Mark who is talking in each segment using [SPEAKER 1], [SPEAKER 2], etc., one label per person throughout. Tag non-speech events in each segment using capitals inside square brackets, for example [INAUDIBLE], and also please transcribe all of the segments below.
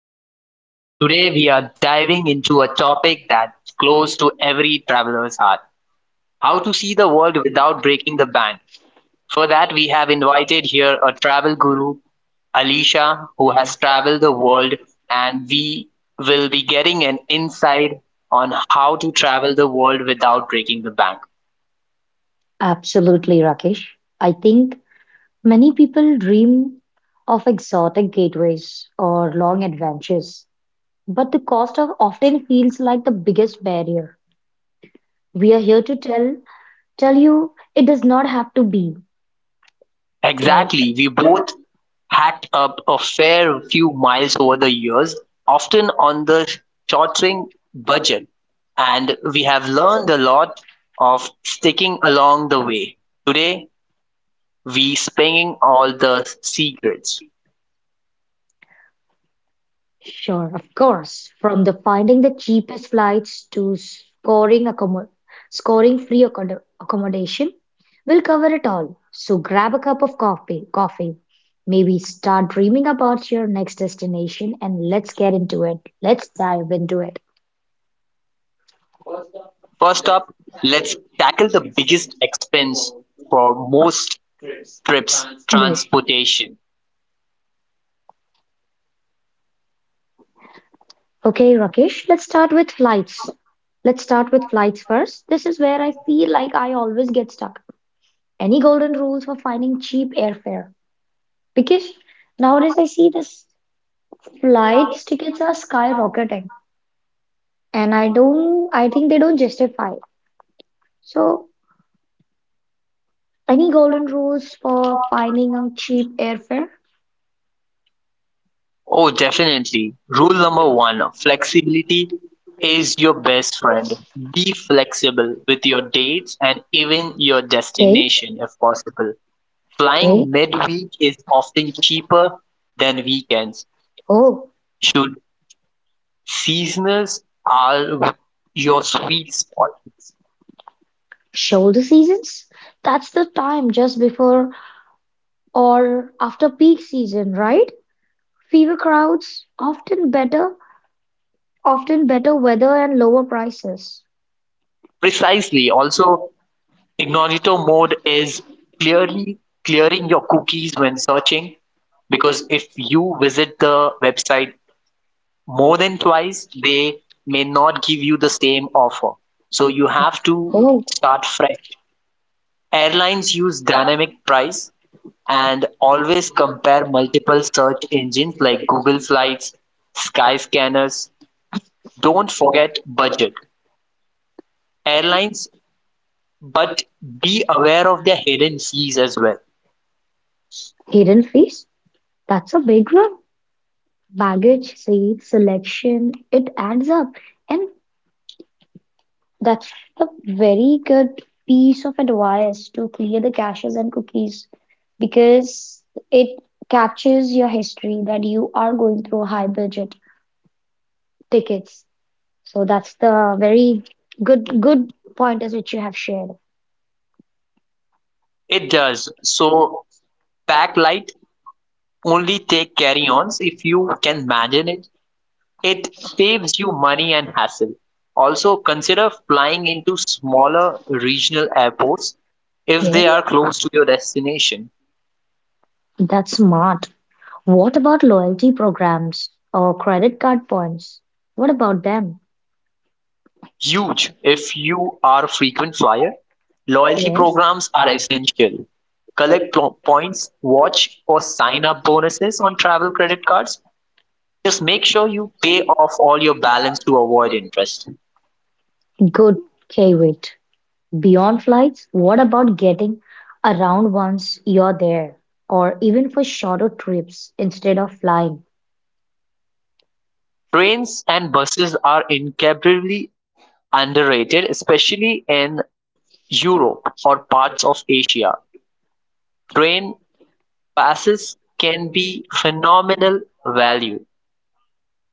[SPEAKER 1] Travel Hacks. Today we are diving into a topic that's close to every traveler's heart, how to see the world without breaking the bank. For that, we have invited here a travel guru, Alicia, who has traveled the world, and we will be getting an insight on how to travel the world without breaking the bank.
[SPEAKER 2] Absolutely, Rakesh. I think many people dream of exotic gateways or long adventures, but the cost of often feels like the biggest barrier. We are here to tell you it does not have to be. Well,
[SPEAKER 1] Exactly, we both hacked up a fair few miles over the years, often on the shoestring budget, and we have learned a lot of sticking along the way. Today, we spinning all the secrets.
[SPEAKER 2] sure, of course. From the finding the cheapest flights to scoring free accommodation, we'll cover it all. So grab a cup of coffee. Maybe start dreaming about your next destination and let's get into it. Let's dive into it.
[SPEAKER 1] First up, let's tackle the biggest expense for most
[SPEAKER 2] Yes.
[SPEAKER 1] trips transportation.
[SPEAKER 2] Okay, Rakesh, let's start with flights. Let's start with flights first. This is where I feel like I always get stuck. Any golden rules for finding cheap airfare? Because nowadays I see this flights tickets are skyrocketing, and I don't, I think they don't justify. So, any golden rules for finding a cheap airfare?
[SPEAKER 1] Oh, definitely. Rule number one, flexibility is your best friend. Be flexible with your dates and even your
[SPEAKER 2] Okay,
[SPEAKER 1] destination if possible.
[SPEAKER 2] okay.
[SPEAKER 1] Flying midweek is often cheaper than weekends,
[SPEAKER 2] Oh,
[SPEAKER 1] should seasonals are your sweet spot.
[SPEAKER 2] shoulder seasons? That's the time just before or after peak season, right? Fewer crowds, often better weather and lower prices.
[SPEAKER 1] Precisely. Also, incognito mode is clearly clearing your cookies when searching, because if you visit the website more than twice, they may not give you the same offer. So you have to
[SPEAKER 2] Oh,
[SPEAKER 1] start fresh. Airlines use dynamic price, and always compare multiple search engines like Google Flights, Skyscanners. Don't forget budget. Airlines, but be aware of their hidden fees as well.
[SPEAKER 2] hidden fees? That's a big one. Baggage, seat, selection, it adds up. And that's a very good piece of advice to clear the caches and cookies because it captures your history that you are going through high budget tickets. So that's the very good pointers which you have shared.
[SPEAKER 1] It does. So pack light, only take carry-ons if you can manage it. It saves you money and hassle. Also, consider flying into smaller regional airports if
[SPEAKER 2] Yes,
[SPEAKER 1] they are close to your destination.
[SPEAKER 2] that's smart. What about loyalty programs or credit card points? What about them?
[SPEAKER 1] Huge if you are a frequent flyer. Loyalty
[SPEAKER 2] Yes,
[SPEAKER 1] programs are essential. Collect points, watch for sign up bonuses on travel credit cards. Just make sure you pay off all your balance to avoid interest.
[SPEAKER 2] good, Kavit. Beyond flights, what about getting around once you're there, or even for shorter trips instead of flying?
[SPEAKER 1] Trains and buses are incredibly underrated, especially in Europe or parts of Asia, train passes can be phenomenal value.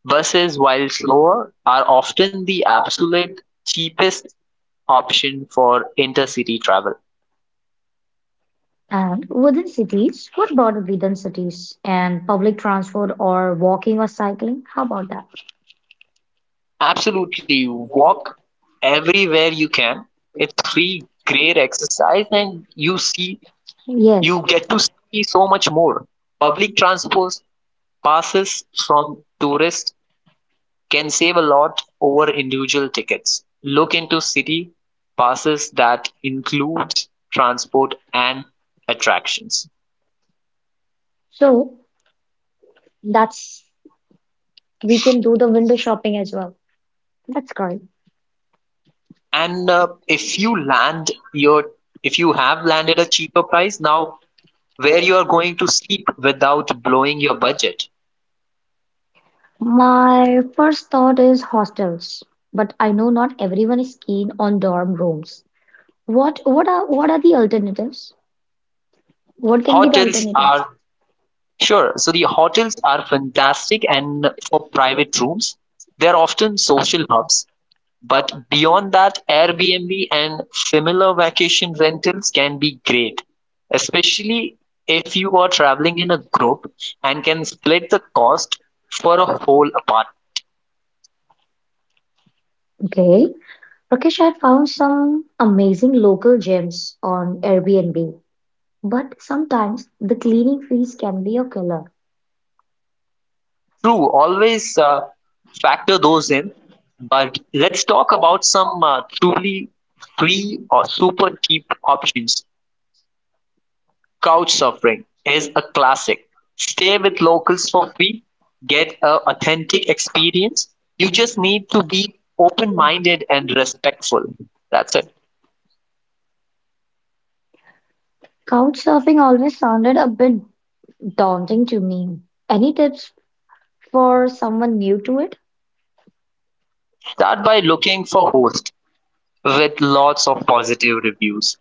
[SPEAKER 1] Buses, while slower, are often the absolute cheapest option for intercity travel.
[SPEAKER 2] And within cities, what about within cities and public transport or walking or cycling? How about that?
[SPEAKER 1] Absolutely, walk everywhere you can. It's free, great exercise, and
[SPEAKER 2] Yes.
[SPEAKER 1] you get to see so much more. Public transport passes from tourists can save a lot over individual tickets. Look into city passes that include transport and attractions.
[SPEAKER 2] So that's we can do the window shopping as well. That's great.
[SPEAKER 1] And if you land your if you have landed a cheaper price, now where you are going to sleep without blowing your budget.
[SPEAKER 2] My first thought is hostels, but I know not everyone is keen on dorm rooms. What are the alternatives? What can be the
[SPEAKER 1] Hotels
[SPEAKER 2] alternatives?
[SPEAKER 1] are sure. So the hotels are fantastic and for private rooms. They're often social hubs. But beyond that, Airbnb and similar vacation rentals can be great, especially if you are traveling in a group and can split the cost for a whole apartment.
[SPEAKER 2] Okay. Rakesh, I found some amazing local gems on Airbnb, but sometimes the cleaning fees can be a killer.
[SPEAKER 1] True, always factor those in. But let's talk about some truly free or super cheap options. Couch surfing is a classic. Stay with locals for free, get an authentic experience. You just need to be open-minded and respectful. That's it.
[SPEAKER 2] Couchsurfing always sounded a bit daunting to me. Any tips for someone new to it?
[SPEAKER 1] Start by looking for hosts with lots of positive reviews.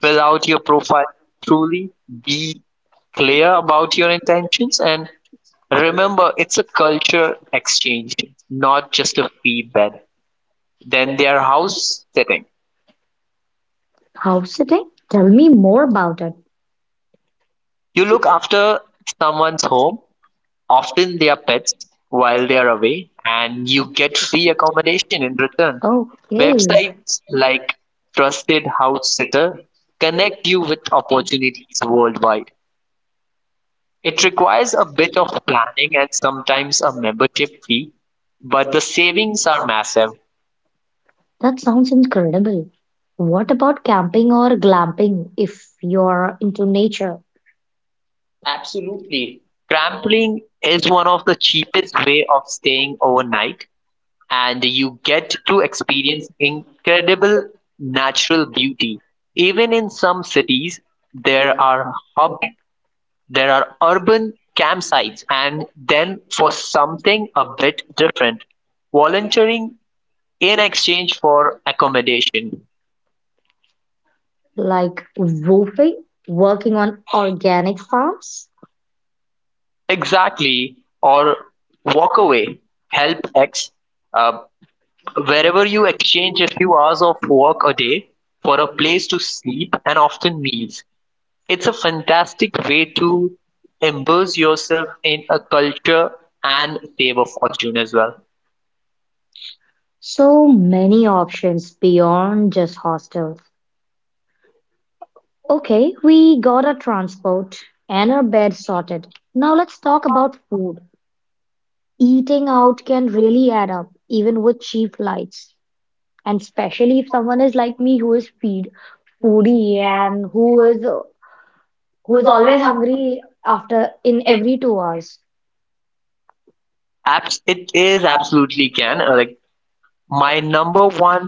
[SPEAKER 1] Fill out your profile truly, be clear about your intentions, and remember it's a culture exchange, not just a feedback. Then their house sitting.
[SPEAKER 2] House sitting? Tell me more about it. If
[SPEAKER 1] You
[SPEAKER 2] you
[SPEAKER 1] look
[SPEAKER 2] look after
[SPEAKER 1] after someone's
[SPEAKER 2] someone's
[SPEAKER 1] home,
[SPEAKER 2] home,
[SPEAKER 1] often they
[SPEAKER 2] often
[SPEAKER 1] are
[SPEAKER 2] their
[SPEAKER 1] pets
[SPEAKER 2] pets
[SPEAKER 1] while they are
[SPEAKER 2] voluntarily,
[SPEAKER 1] away, and
[SPEAKER 2] and
[SPEAKER 1] you
[SPEAKER 2] you
[SPEAKER 1] get
[SPEAKER 2] can
[SPEAKER 1] free
[SPEAKER 2] really
[SPEAKER 1] accommodation in return.
[SPEAKER 2] okay, emphasize
[SPEAKER 1] Websites
[SPEAKER 2] like
[SPEAKER 1] like Trusted
[SPEAKER 2] trusted how
[SPEAKER 1] House
[SPEAKER 2] to
[SPEAKER 1] Sitter connect
[SPEAKER 2] connect
[SPEAKER 1] you with
[SPEAKER 2] how to
[SPEAKER 1] opportunities worldwide. It requires a bit of planning and sometimes a membership fee, but the savings are massive.
[SPEAKER 2] that sounds incredible. What about camping or glamping if you're into nature,
[SPEAKER 1] Absolutely. Trampling is one of the cheapest way of staying overnight, and you get to experience incredible natural beauty. Even in some cities, there are there are urban campsites, and then for something a bit different, volunteering in exchange for accommodation.
[SPEAKER 2] like roofing, working on organic farms?
[SPEAKER 1] Exactly, or walk away, help X. Uh, Wherever you exchange a few hours of work a day for a place to sleep and often meals. It's a fantastic way to immerse yourself in a culture and save a fortune as well.
[SPEAKER 2] So many options beyond just hostels. Okay, we got our transport and our bed sorted. Now let's talk about food. Eating out can really add up, even with cheap flights. And especially if someone is like me who is feed foodie and who is always hungry after in every 2 hours.
[SPEAKER 1] It is absolutely can. Like my number one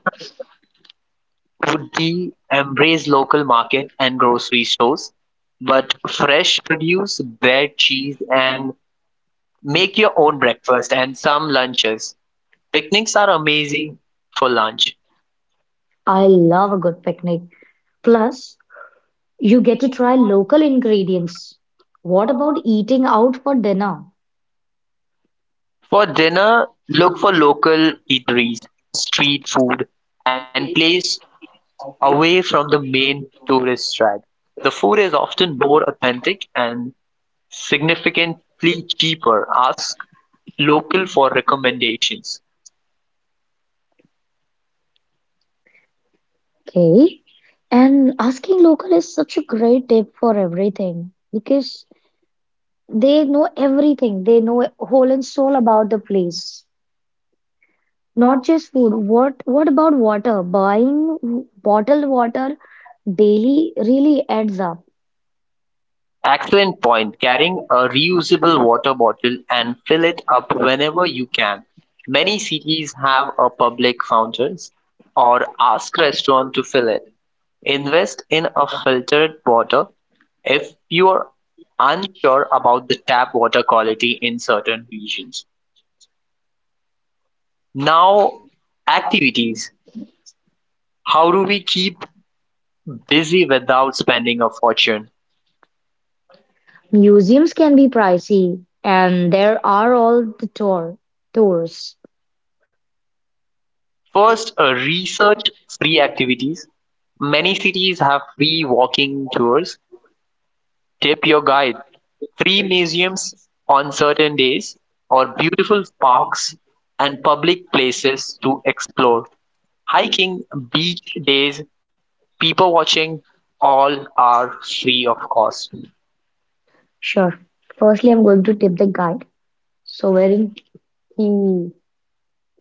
[SPEAKER 1] would be embrace local market and grocery stores, but fresh produce, bread, cheese, and make your own breakfast and some lunches. Picnics are amazing for lunch.
[SPEAKER 2] I love a good picnic. Plus, you get to try local ingredients. What about eating out for dinner?
[SPEAKER 1] For dinner, look for local eateries, street food, and place away from the main tourist track, the food is often more authentic and significantly cheaper. Ask local for recommendations.
[SPEAKER 2] Okay. And asking local is such a great tip for everything because they know everything. They know whole and soul about the place. Not just food. What about water? Bottled water daily really adds up.
[SPEAKER 1] Excellent point. Carrying a reusable water bottle and fill it up whenever you can. Many cities have a public fountains or ask restaurant to fill it. Invest in a filtered water if you are unsure about the tap water quality in certain regions. Now, activities. How do we keep busy without spending a fortune?
[SPEAKER 2] Museums can be pricey, and there are all the tours.
[SPEAKER 1] First, research free activities. Many cities have free walking tours. Tip your guide. Free museums on certain days, or beautiful parks and public places to explore. Hiking, beach days, people watching, all are free of cost.
[SPEAKER 2] Sure. Firstly, I'm going to tip the guide. So wherein he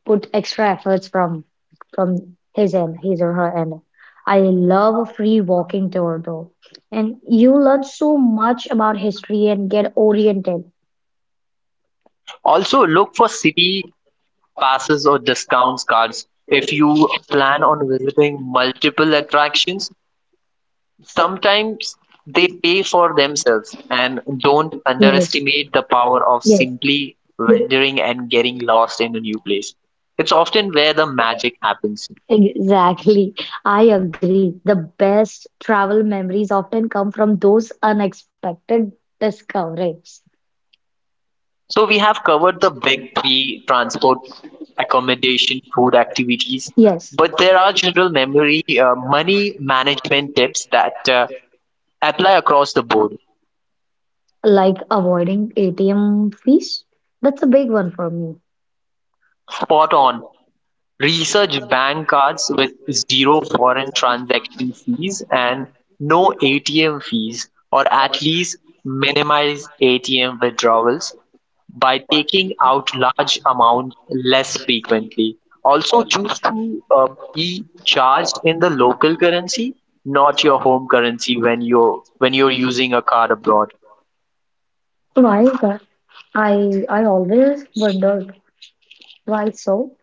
[SPEAKER 2] put extra efforts from his end, his or her end. I love a free walking tour though, and you learn so much about history and get oriented.
[SPEAKER 1] Also, look for city passes or discounts cards if you plan on visiting multiple attractions. Sometimes they pay for themselves, and don't
[SPEAKER 2] Yes,
[SPEAKER 1] underestimate the power of
[SPEAKER 2] yes,
[SPEAKER 1] simply wandering and getting lost in a new place. It's often where the magic happens.
[SPEAKER 2] exactly. I agree. The best travel memories often come from those unexpected discoveries.
[SPEAKER 1] So we have covered the big three, transport, accommodation, food, activities,
[SPEAKER 2] Yes.
[SPEAKER 1] but there are general memory money management tips that apply across the board.
[SPEAKER 2] Like avoiding ATM fees? That's a big one for me.
[SPEAKER 1] Spot on. Research bank cards with zero foreign transaction fees and no ATM fees, or at least minimize ATM withdrawals by taking out large amounts less frequently. Also, choose to be charged in the local currency, not your home currency when you're using a card abroad.
[SPEAKER 2] Why is that? I always wondered why so.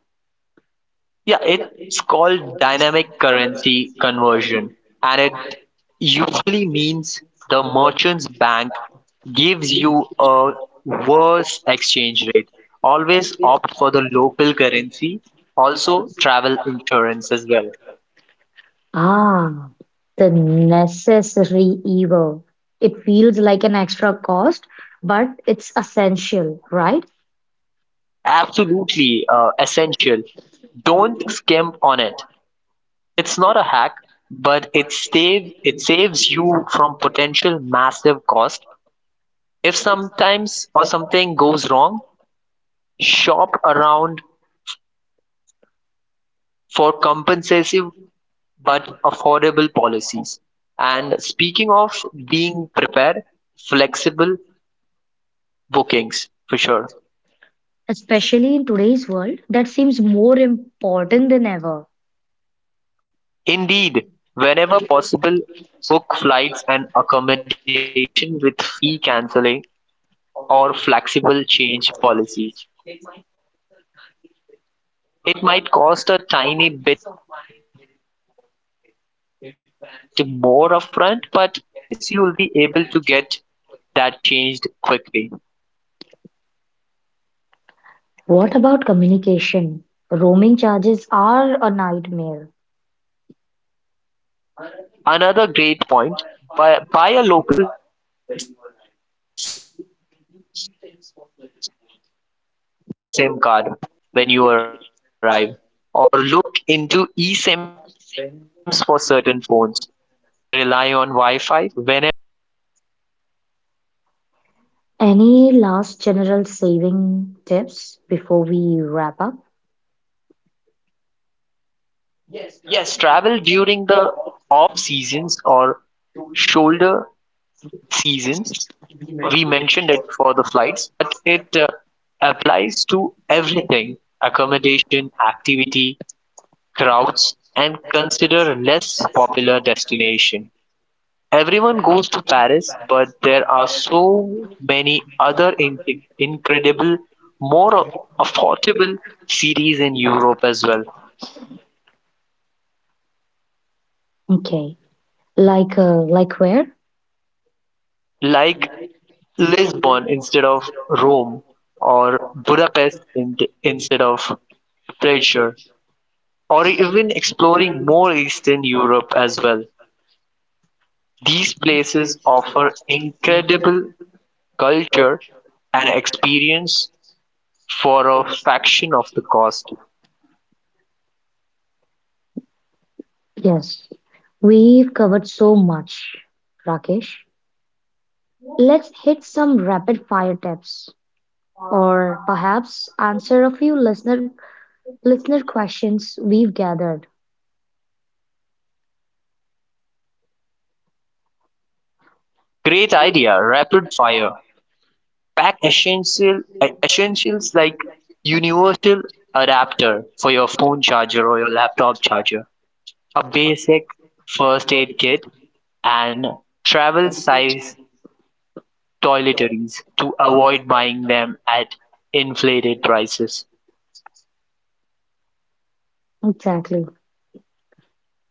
[SPEAKER 1] Yeah, it's called dynamic currency conversion, and it usually means the merchant's bank gives you a worse exchange rate. Always opt for the local currency, also travel insurance as well.
[SPEAKER 2] Ah, the necessary evil. It feels like an extra cost, but it's essential, right?
[SPEAKER 1] Absolutely essential. Don't skimp on it. It's not a hack, but it saves you from potential massive cost if sometimes or something goes wrong. Shop around for compensative but affordable policies. And speaking of being prepared, flexible bookings for sure.
[SPEAKER 2] Especially in today's world, that seems more important than ever.
[SPEAKER 1] Indeed, whenever possible, book flights and accommodation with fee cancelling or flexible change policies. It might cost a tiny bit more upfront, but the peace of mind is worth it. If plans changes, you will be able to get that changed quickly.
[SPEAKER 2] What about communication? Roaming charges are a nightmare.
[SPEAKER 1] Another great point, buy a local SIM card when you arrive, or look into eSIMs for certain phones. They are usually far cheaper than international roaming. Rely on Wi Fi whenever possible for calls and messages.
[SPEAKER 2] Any last general saving tips before we wrap up?
[SPEAKER 1] Yes, travel during the off seasons or shoulder seasons. We mentioned it for the flights, but it applies to everything, accommodation, activity, crowds, and consider less popular destination. Everyone goes to Paris, but there are so many incredible, more affordable cities in Europe as well,
[SPEAKER 2] Okay. Like where?
[SPEAKER 1] like Lisbon instead of Rome, or instead of Pressure, or even exploring more Eastern Europe as well. These places offer incredible culture and experience for a fraction of the cost.
[SPEAKER 2] Yes. We've covered so much, Rakesh. Let's hit some rapid fire tips or perhaps answer a few listener questions we've gathered.
[SPEAKER 1] Great idea, rapid fire. Pack essential, essentials like universal adapter for your phone charger or your laptop charger, a basic first aid kit, and travel size toiletries to avoid buying them at inflated prices.
[SPEAKER 2] Exactly.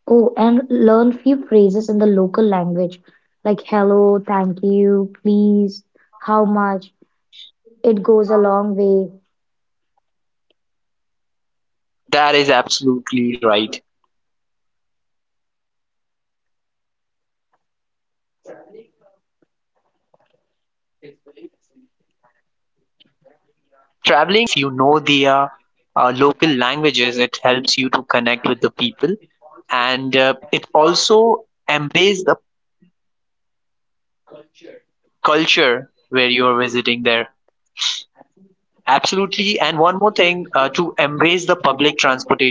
[SPEAKER 2] Oh, and learn few phrases in the local language like hello, thank you, please, how much. It goes a long way.
[SPEAKER 1] That is absolutely right. Traveling is very essential. And if you know the local languages, it helps you to connect with the people. And it also embrace the culture where you are visiting there. Absolutely. And one more thing, to embrace the public transportation for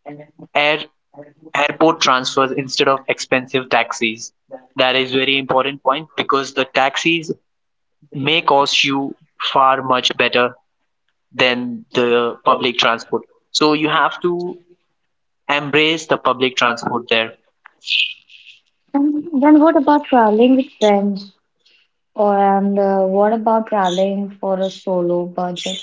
[SPEAKER 1] air airport transfers instead of expensive taxis. That is very important point, because the taxis may cost you far much better than the public transport. So you have to embrace the public transport there.
[SPEAKER 2] And then what about traveling with friends? Or and What about traveling for a solo budget?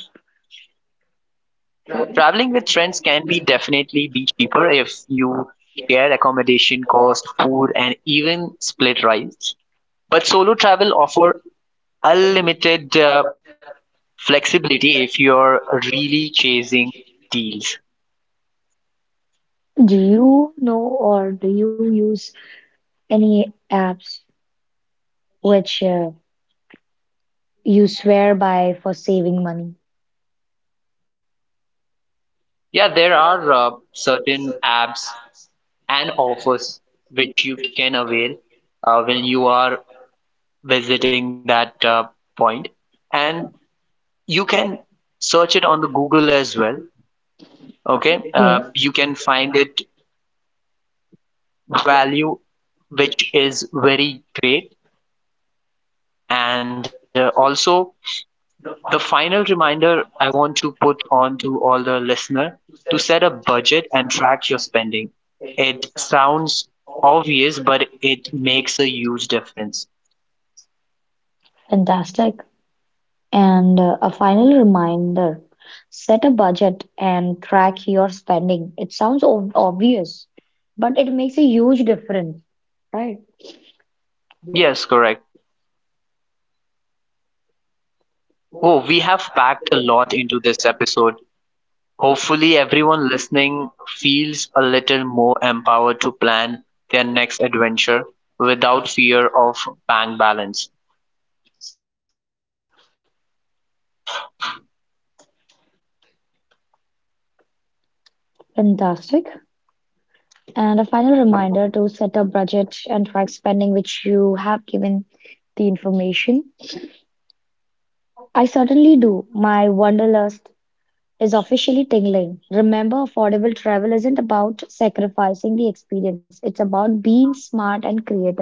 [SPEAKER 1] Traveling with friends can be definitely be cheaper if you share accommodation cost, food, and even split rides. But solo travel offer unlimited flexibility if you're really chasing deals.
[SPEAKER 2] Do you know or do you use any apps which you swear by for saving money?
[SPEAKER 1] Yeah, there are certain apps and offers which you can avail when you are visiting that point, and you can search it on the google as well. Okay,
[SPEAKER 2] Yes,
[SPEAKER 1] you can find it value, which is very great. And also, the final reminder I want to put on to all the listener, to set a budget and track your spending. It sounds obvious, but it makes a huge difference.
[SPEAKER 2] fantastic. And a final reminder set a budget and track your spending. It sounds obvious, but it makes a huge difference, right?
[SPEAKER 1] Yes, correct. Oh, we have packed a lot into this episode. Hopefully, everyone listening feels a little more empowered to plan their next adventure without fear of bank balance.
[SPEAKER 2] Fantastic. And a final reminder to set a budget and track spending, which you have given the information. I certainly do. My wanderlust is officially tingling. Remember, affordable travel isn't about sacrificing the experience, it's about being smart and creative.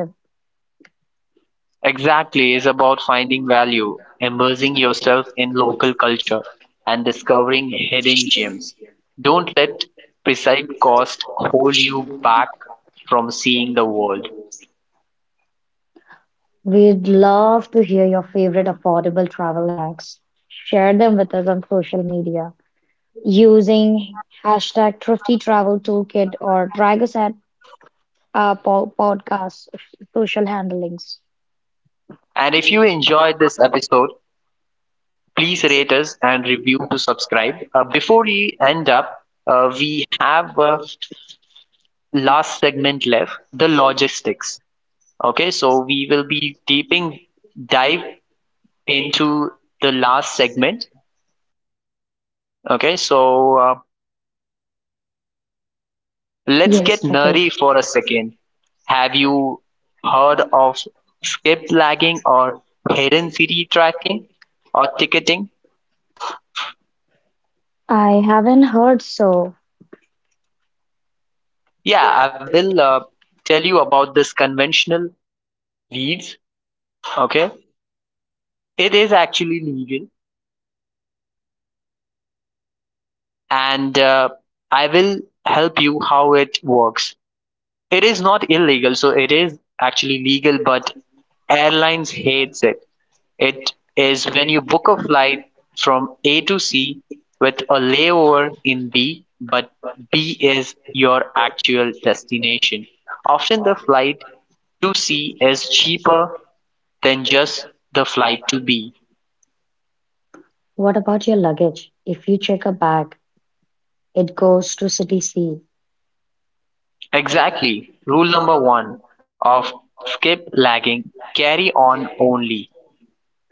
[SPEAKER 1] Exactly, is about finding value, immersing yourself in local culture, and discovering hidden gems. Don't let precise cost hold you back from seeing the world.
[SPEAKER 2] We'd love to hear your favorite affordable travel hacks. Share them with us on social media using hashtag Thrifty Travel Toolkit or drag us at our po podcast social handlings.
[SPEAKER 1] And if you enjoyed this episode, please rate us and review to subscribe. Before we end up, we have a last segment left the logistics. Okay, so we will be deeping dive into the last segment. Okay, so let's
[SPEAKER 2] Yes,
[SPEAKER 1] get
[SPEAKER 2] Rakesh.
[SPEAKER 1] nerdy for a second. Have you heard of skip lagging or hidden city tracking or ticketing?
[SPEAKER 2] I haven't heard so.
[SPEAKER 1] Yeah, I will tell you about this conventional weeds. Okay, it is actually legal, and I will help you how it works. It is not illegal, so it is actually legal, but airlines hates it. It is when you book a flight from A to C with a layover in B, but B is your actual destination. Often the flight to C is cheaper than just the flight to B.
[SPEAKER 2] What about your luggage? If you check a bag, it goes to city C.
[SPEAKER 1] Exactly, rule number one of skip lagging, carry on only,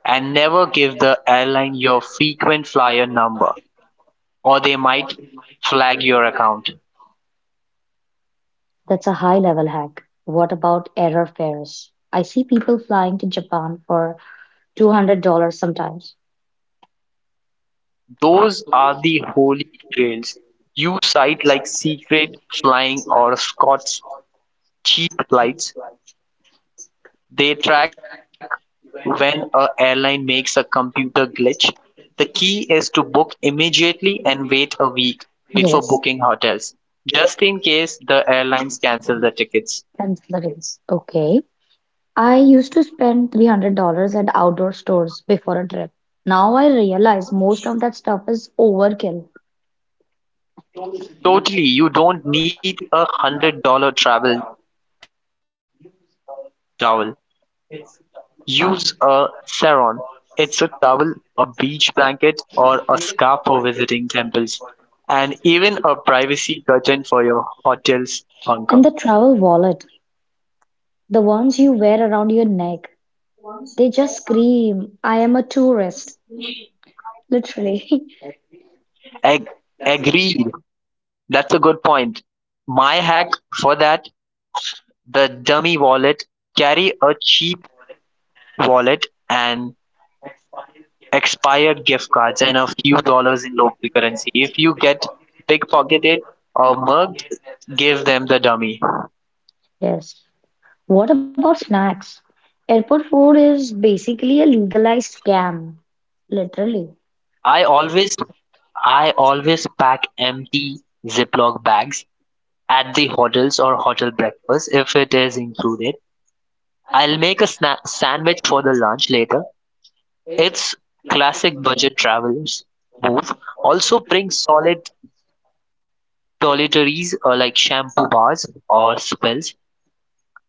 [SPEAKER 1] and never give the airline your frequent flyer number or they might flag your account.
[SPEAKER 2] That's a high-level hack. What about error fares? I see people flying to Japan for $200 sometimes.
[SPEAKER 1] Those are the holy grails you cite like Secret Flying or Scott's Cheap Flights. They track when a airline makes a computer glitch. The key is to book immediately and wait a week before booking hotels, just in case the airlines cancel the tickets.
[SPEAKER 2] Consider is okay. I used to spend $300 at outdoor stores before a trip. Now I realize most of that stuff is overkill.
[SPEAKER 1] Totally, you don't need $100 travel towel. Use a sarong. It's a towel, a beach blanket, or a scarf for visiting temples, and even a privacy curtain for your hotel's bunker.
[SPEAKER 2] And the travel wallet, the ones you wear around your neck, they just scream, I am a tourist. Literally.
[SPEAKER 1] Ag-
[SPEAKER 2] [LAUGHS]
[SPEAKER 1] agreed. That's a good point. My hack for that, the dummy wallet, carry a cheap wallet and expired gift cards and a few dollars in local currency. If you get pickpocketed or mugged, give them the dummy.
[SPEAKER 2] Yes. What about snacks? Airport food is basically a legalized scam. Literally.
[SPEAKER 1] I always I always pack empty Ziploc bags at the hotels or hotel breakfast if it is included. I'll make a sandwich for the lunch later. Its classic budget travelers move, also brings solid toiletries, like shampoo bars or spills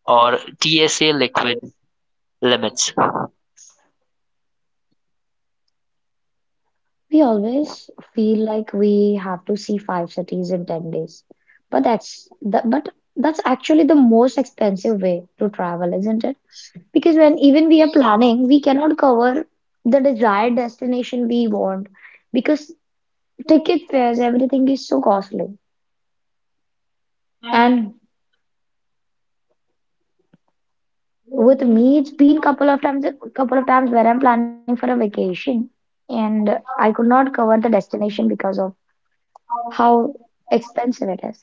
[SPEAKER 1] or TSA liquid limits.
[SPEAKER 2] We always feel like we have to see five cities in 10 days. But that's actually the most expensive way to travel, isn't it? Because when even we are planning, we cannot cover the desired destination we want because ticket fares, everything is so costly. And with me, it's been couple of times where I'm planning for a vacation and I could not cover the destination because of how expensive it is.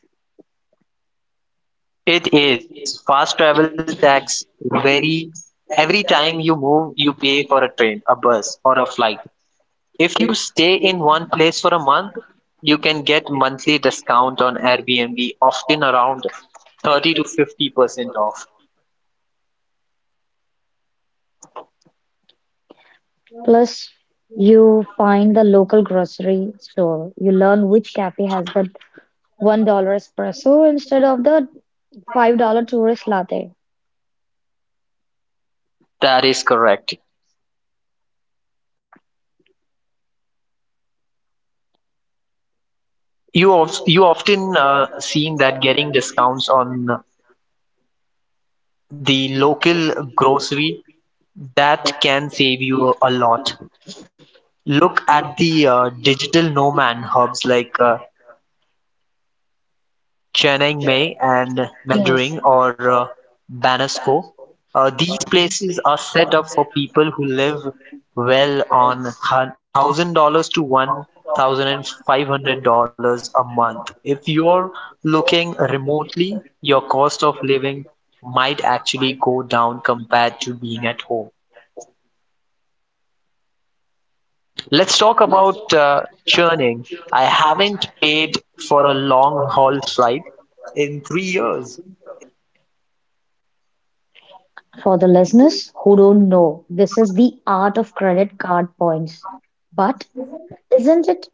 [SPEAKER 1] It is. Fast travel tax, very every time you move, you pay for a train, a bus, or a flight. If you stay in one place for a month, you can get monthly discount on Airbnb, often around 30 to 50% off.
[SPEAKER 2] Plus, you find the local grocery store. You learn which cafe has the $1 espresso instead of the $5 tourist latte.
[SPEAKER 1] That is correct. You often seen that getting discounts on the local grocery that can save you a lot. Look at the digital nomad hubs like Chiang Mai and
[SPEAKER 2] Yes.
[SPEAKER 1] Mandering or Banasco. These places are set up for people who live well on $1,000 to $1,500 a month. If you're looking remotely, your cost of living might actually go down compared to being at home. Let's talk about churning. I haven't paid for a long haul flight in 3 years.
[SPEAKER 2] For the listeners who don't know, this is the art of credit card points. But isn't it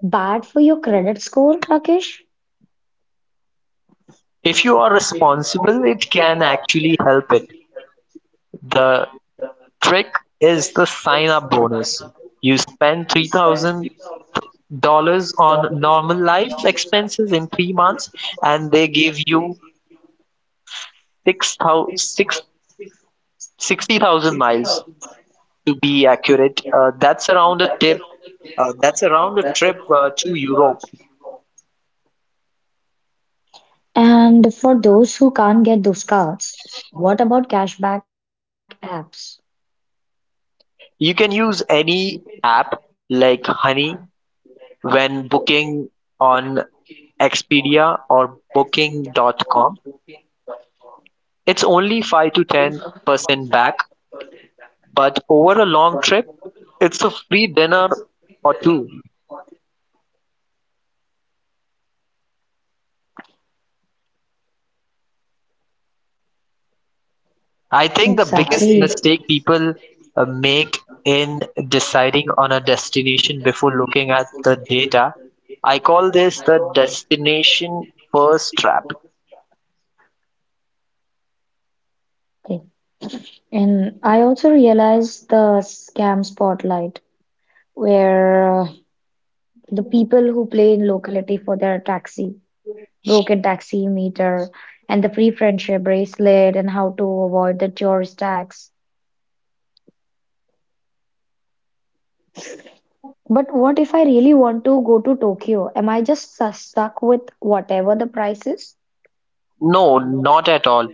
[SPEAKER 2] bad for your credit score, Rakesh?
[SPEAKER 1] If you are responsible, it can actually help it. The trick is the sign-up bonus. You spend $3,000 on normal life expenses in 3 months and they give you sixty thousand miles to be accurate. That's around a tip. That's around a trip to Europe.
[SPEAKER 2] And for those who can't get those cards, what about cashback apps?
[SPEAKER 1] You can use any app like Honey when booking on Expedia or Booking.com. It's only 5 to 10% back, but over a long trip, it's a free dinner or two. I think the biggest
[SPEAKER 2] Exactly.
[SPEAKER 1] mistake people make in deciding on a destination before looking at the data. I call this the destination first trap.
[SPEAKER 2] Okay. And I also realized the scam spotlight where the people who play in locality for their taxi, broken taxi meter, and the free friendship bracelet and how to avoid the tourist tax. But what if I really want to go to Tokyo? Am I just stuck with whatever the price is?
[SPEAKER 1] No, not at all.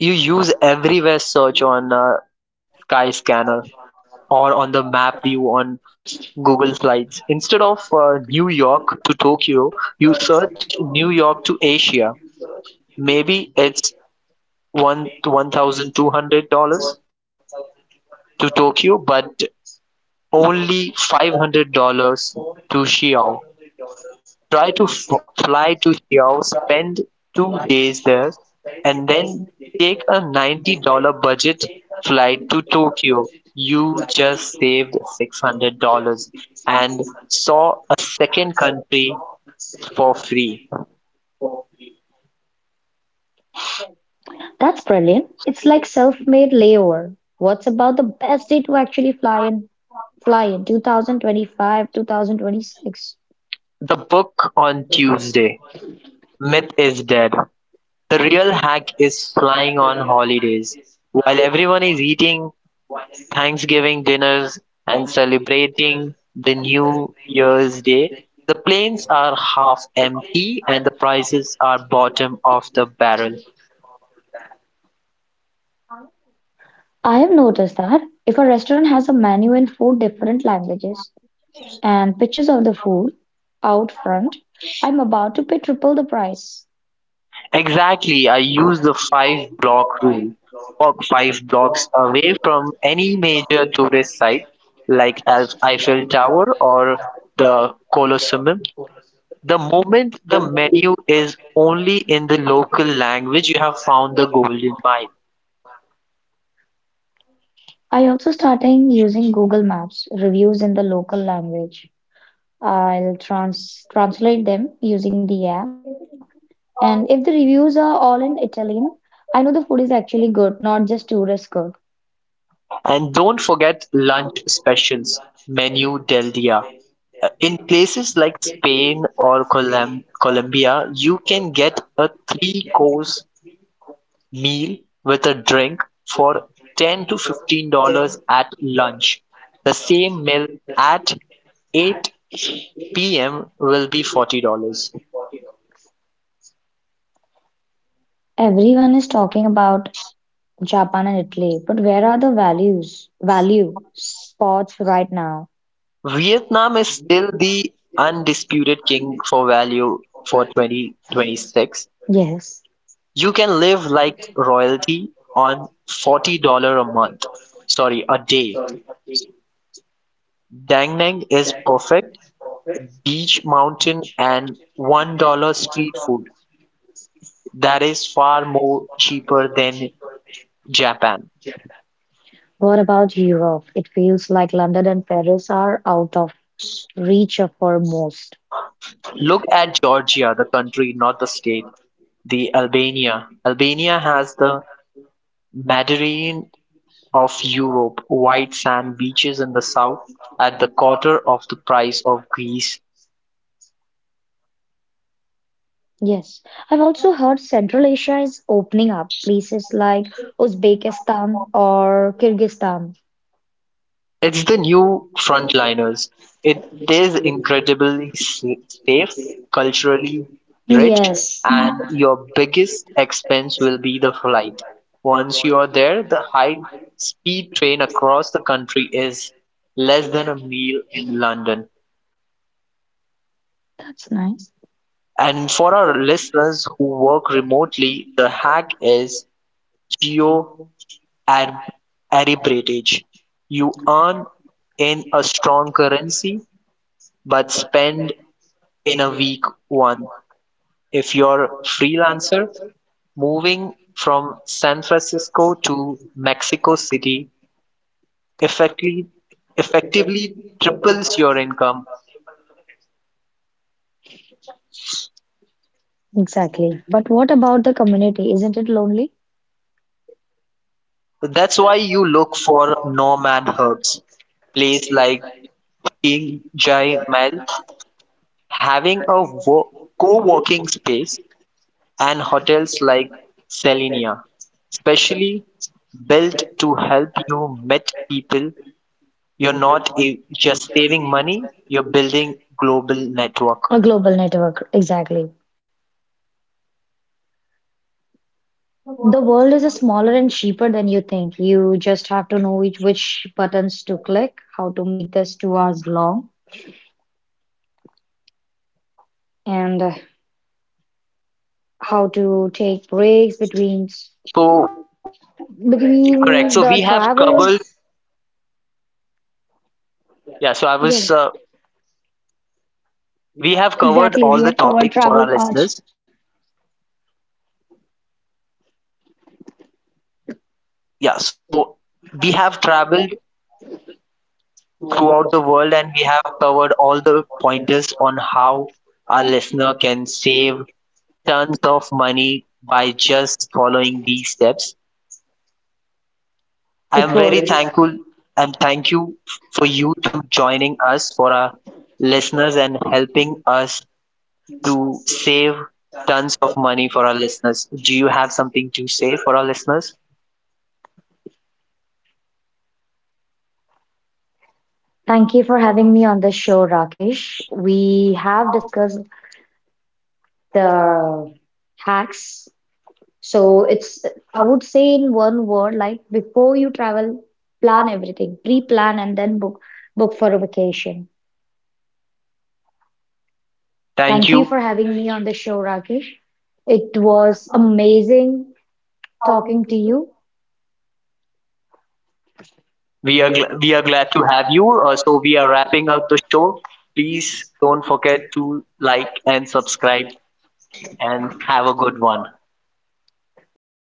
[SPEAKER 1] You use everywhere search on Skyscanner or on the map view on Google Slides. Instead of New York to Tokyo, you search New York to Asia. Maybe it's one thousand two hundred dollars to Tokyo, but only $500 to Xiao. Try to fly to Xiao, spend 2 days there, and then take a $90 budget flight to Tokyo. You just saved $600 and saw a second country for free.
[SPEAKER 2] That's brilliant. It's like self-made layover. What's about the best day to actually fly in? Fly in 2025, 2026.
[SPEAKER 1] The book on Tuesday, myth is dead. The real hack is flying on holidays. While everyone is eating Thanksgiving dinners and celebrating the New Year's Day, the planes are half empty and the prices are bottom of the barrel.
[SPEAKER 2] I have noticed that if a restaurant has a menu in four different languages and pictures of the food out front, I'm about to pay triple the price.
[SPEAKER 1] Exactly, I use the five block rule. Walk five blocks away from any major tourist site like Eiffel Tower or the Colosseum. The moment the menu is only in the local language, you have found the golden mine.
[SPEAKER 2] I also starting using Google Maps reviews in the local language. I'll translate them using the app. And if the reviews are all in Italian, I know the food is actually good, not just tourist good.
[SPEAKER 1] And don't forget lunch specials, menu del dia. In places like Spain or Colombia, you can get a three course meal with a drink for $10 to $15 at lunch. The same meal at 8 p.m. will be $40.
[SPEAKER 2] Everyone is talking about Japan and Italy, but where are the values, value spots right now?
[SPEAKER 1] Vietnam is still the undisputed king for value for 2026.
[SPEAKER 2] Yes.
[SPEAKER 1] You can live like royalty on $40 a month. Sorry, a day. Da Nang is perfect beach, mountain, and $1 street food that is far more cheaper than Japan.
[SPEAKER 2] What about Europe? It feels like London and Paris are out of reach for most.
[SPEAKER 1] Look at Georgia, the country, not the state. The Albania. Albania has the Mediterranean of Europe, white sand beaches in the south at the quarter of the price of Greece.
[SPEAKER 2] Yes, I've also heard Central Asia is opening up, places like Uzbekistan or Kyrgyzstan.
[SPEAKER 1] It's the new frontliners. It is incredibly safe, culturally rich,
[SPEAKER 2] Yes,
[SPEAKER 1] and your biggest expense will be the flight. Once you are there, the high speed train across the country is less than a meal in London.
[SPEAKER 2] that's nice.
[SPEAKER 1] And for our listeners who work remotely, the hack is geo arb- arbitrage. You earn in a strong currency but spend in a week one. If you're a freelancer moving from San Francisco to Mexico City, effectively effectively triples your income.
[SPEAKER 2] Exactly. But what about the community? Isn't it lonely?
[SPEAKER 1] That's why you look for nomad hubs. Place like King Jai Mall, having a co-working space and hotels like Selenia, especially built to help you meet people. You're not a, just saving money, you're building global network.
[SPEAKER 2] A global network, exactly. The world is a smaller and cheaper than you think. You just have to know which buttons to click, how to make this 2 hours long, and how to take breaks
[SPEAKER 1] So correct. So we have
[SPEAKER 2] between the
[SPEAKER 1] covered
[SPEAKER 2] travels.
[SPEAKER 1] yeah, so I was we have covered all the topic for our listeners. Yeah, so we have traveled throughout the world and we have covered all the pointers on how our listener can save tons of money by just following these steps. I am very thankful and thank you for you to joining us for our listeners and helping us to save tons of money for our listeners. Do you have something to say for our listeners?
[SPEAKER 2] Thank you for having me on the show, Rakesh. We have discussed the hacks. So it's, I would say in one word, like before you travel, plan everything, pre-plan and then book for a vacation.
[SPEAKER 1] Thank
[SPEAKER 2] Thank you
[SPEAKER 1] you.
[SPEAKER 2] for having me on the show, Rakesh. It was amazing talking to you.
[SPEAKER 1] We are glad to have you. So we are wrapping up the show. Please don't forget to like and subscribe and have a good one.
[SPEAKER 2] Bye bye.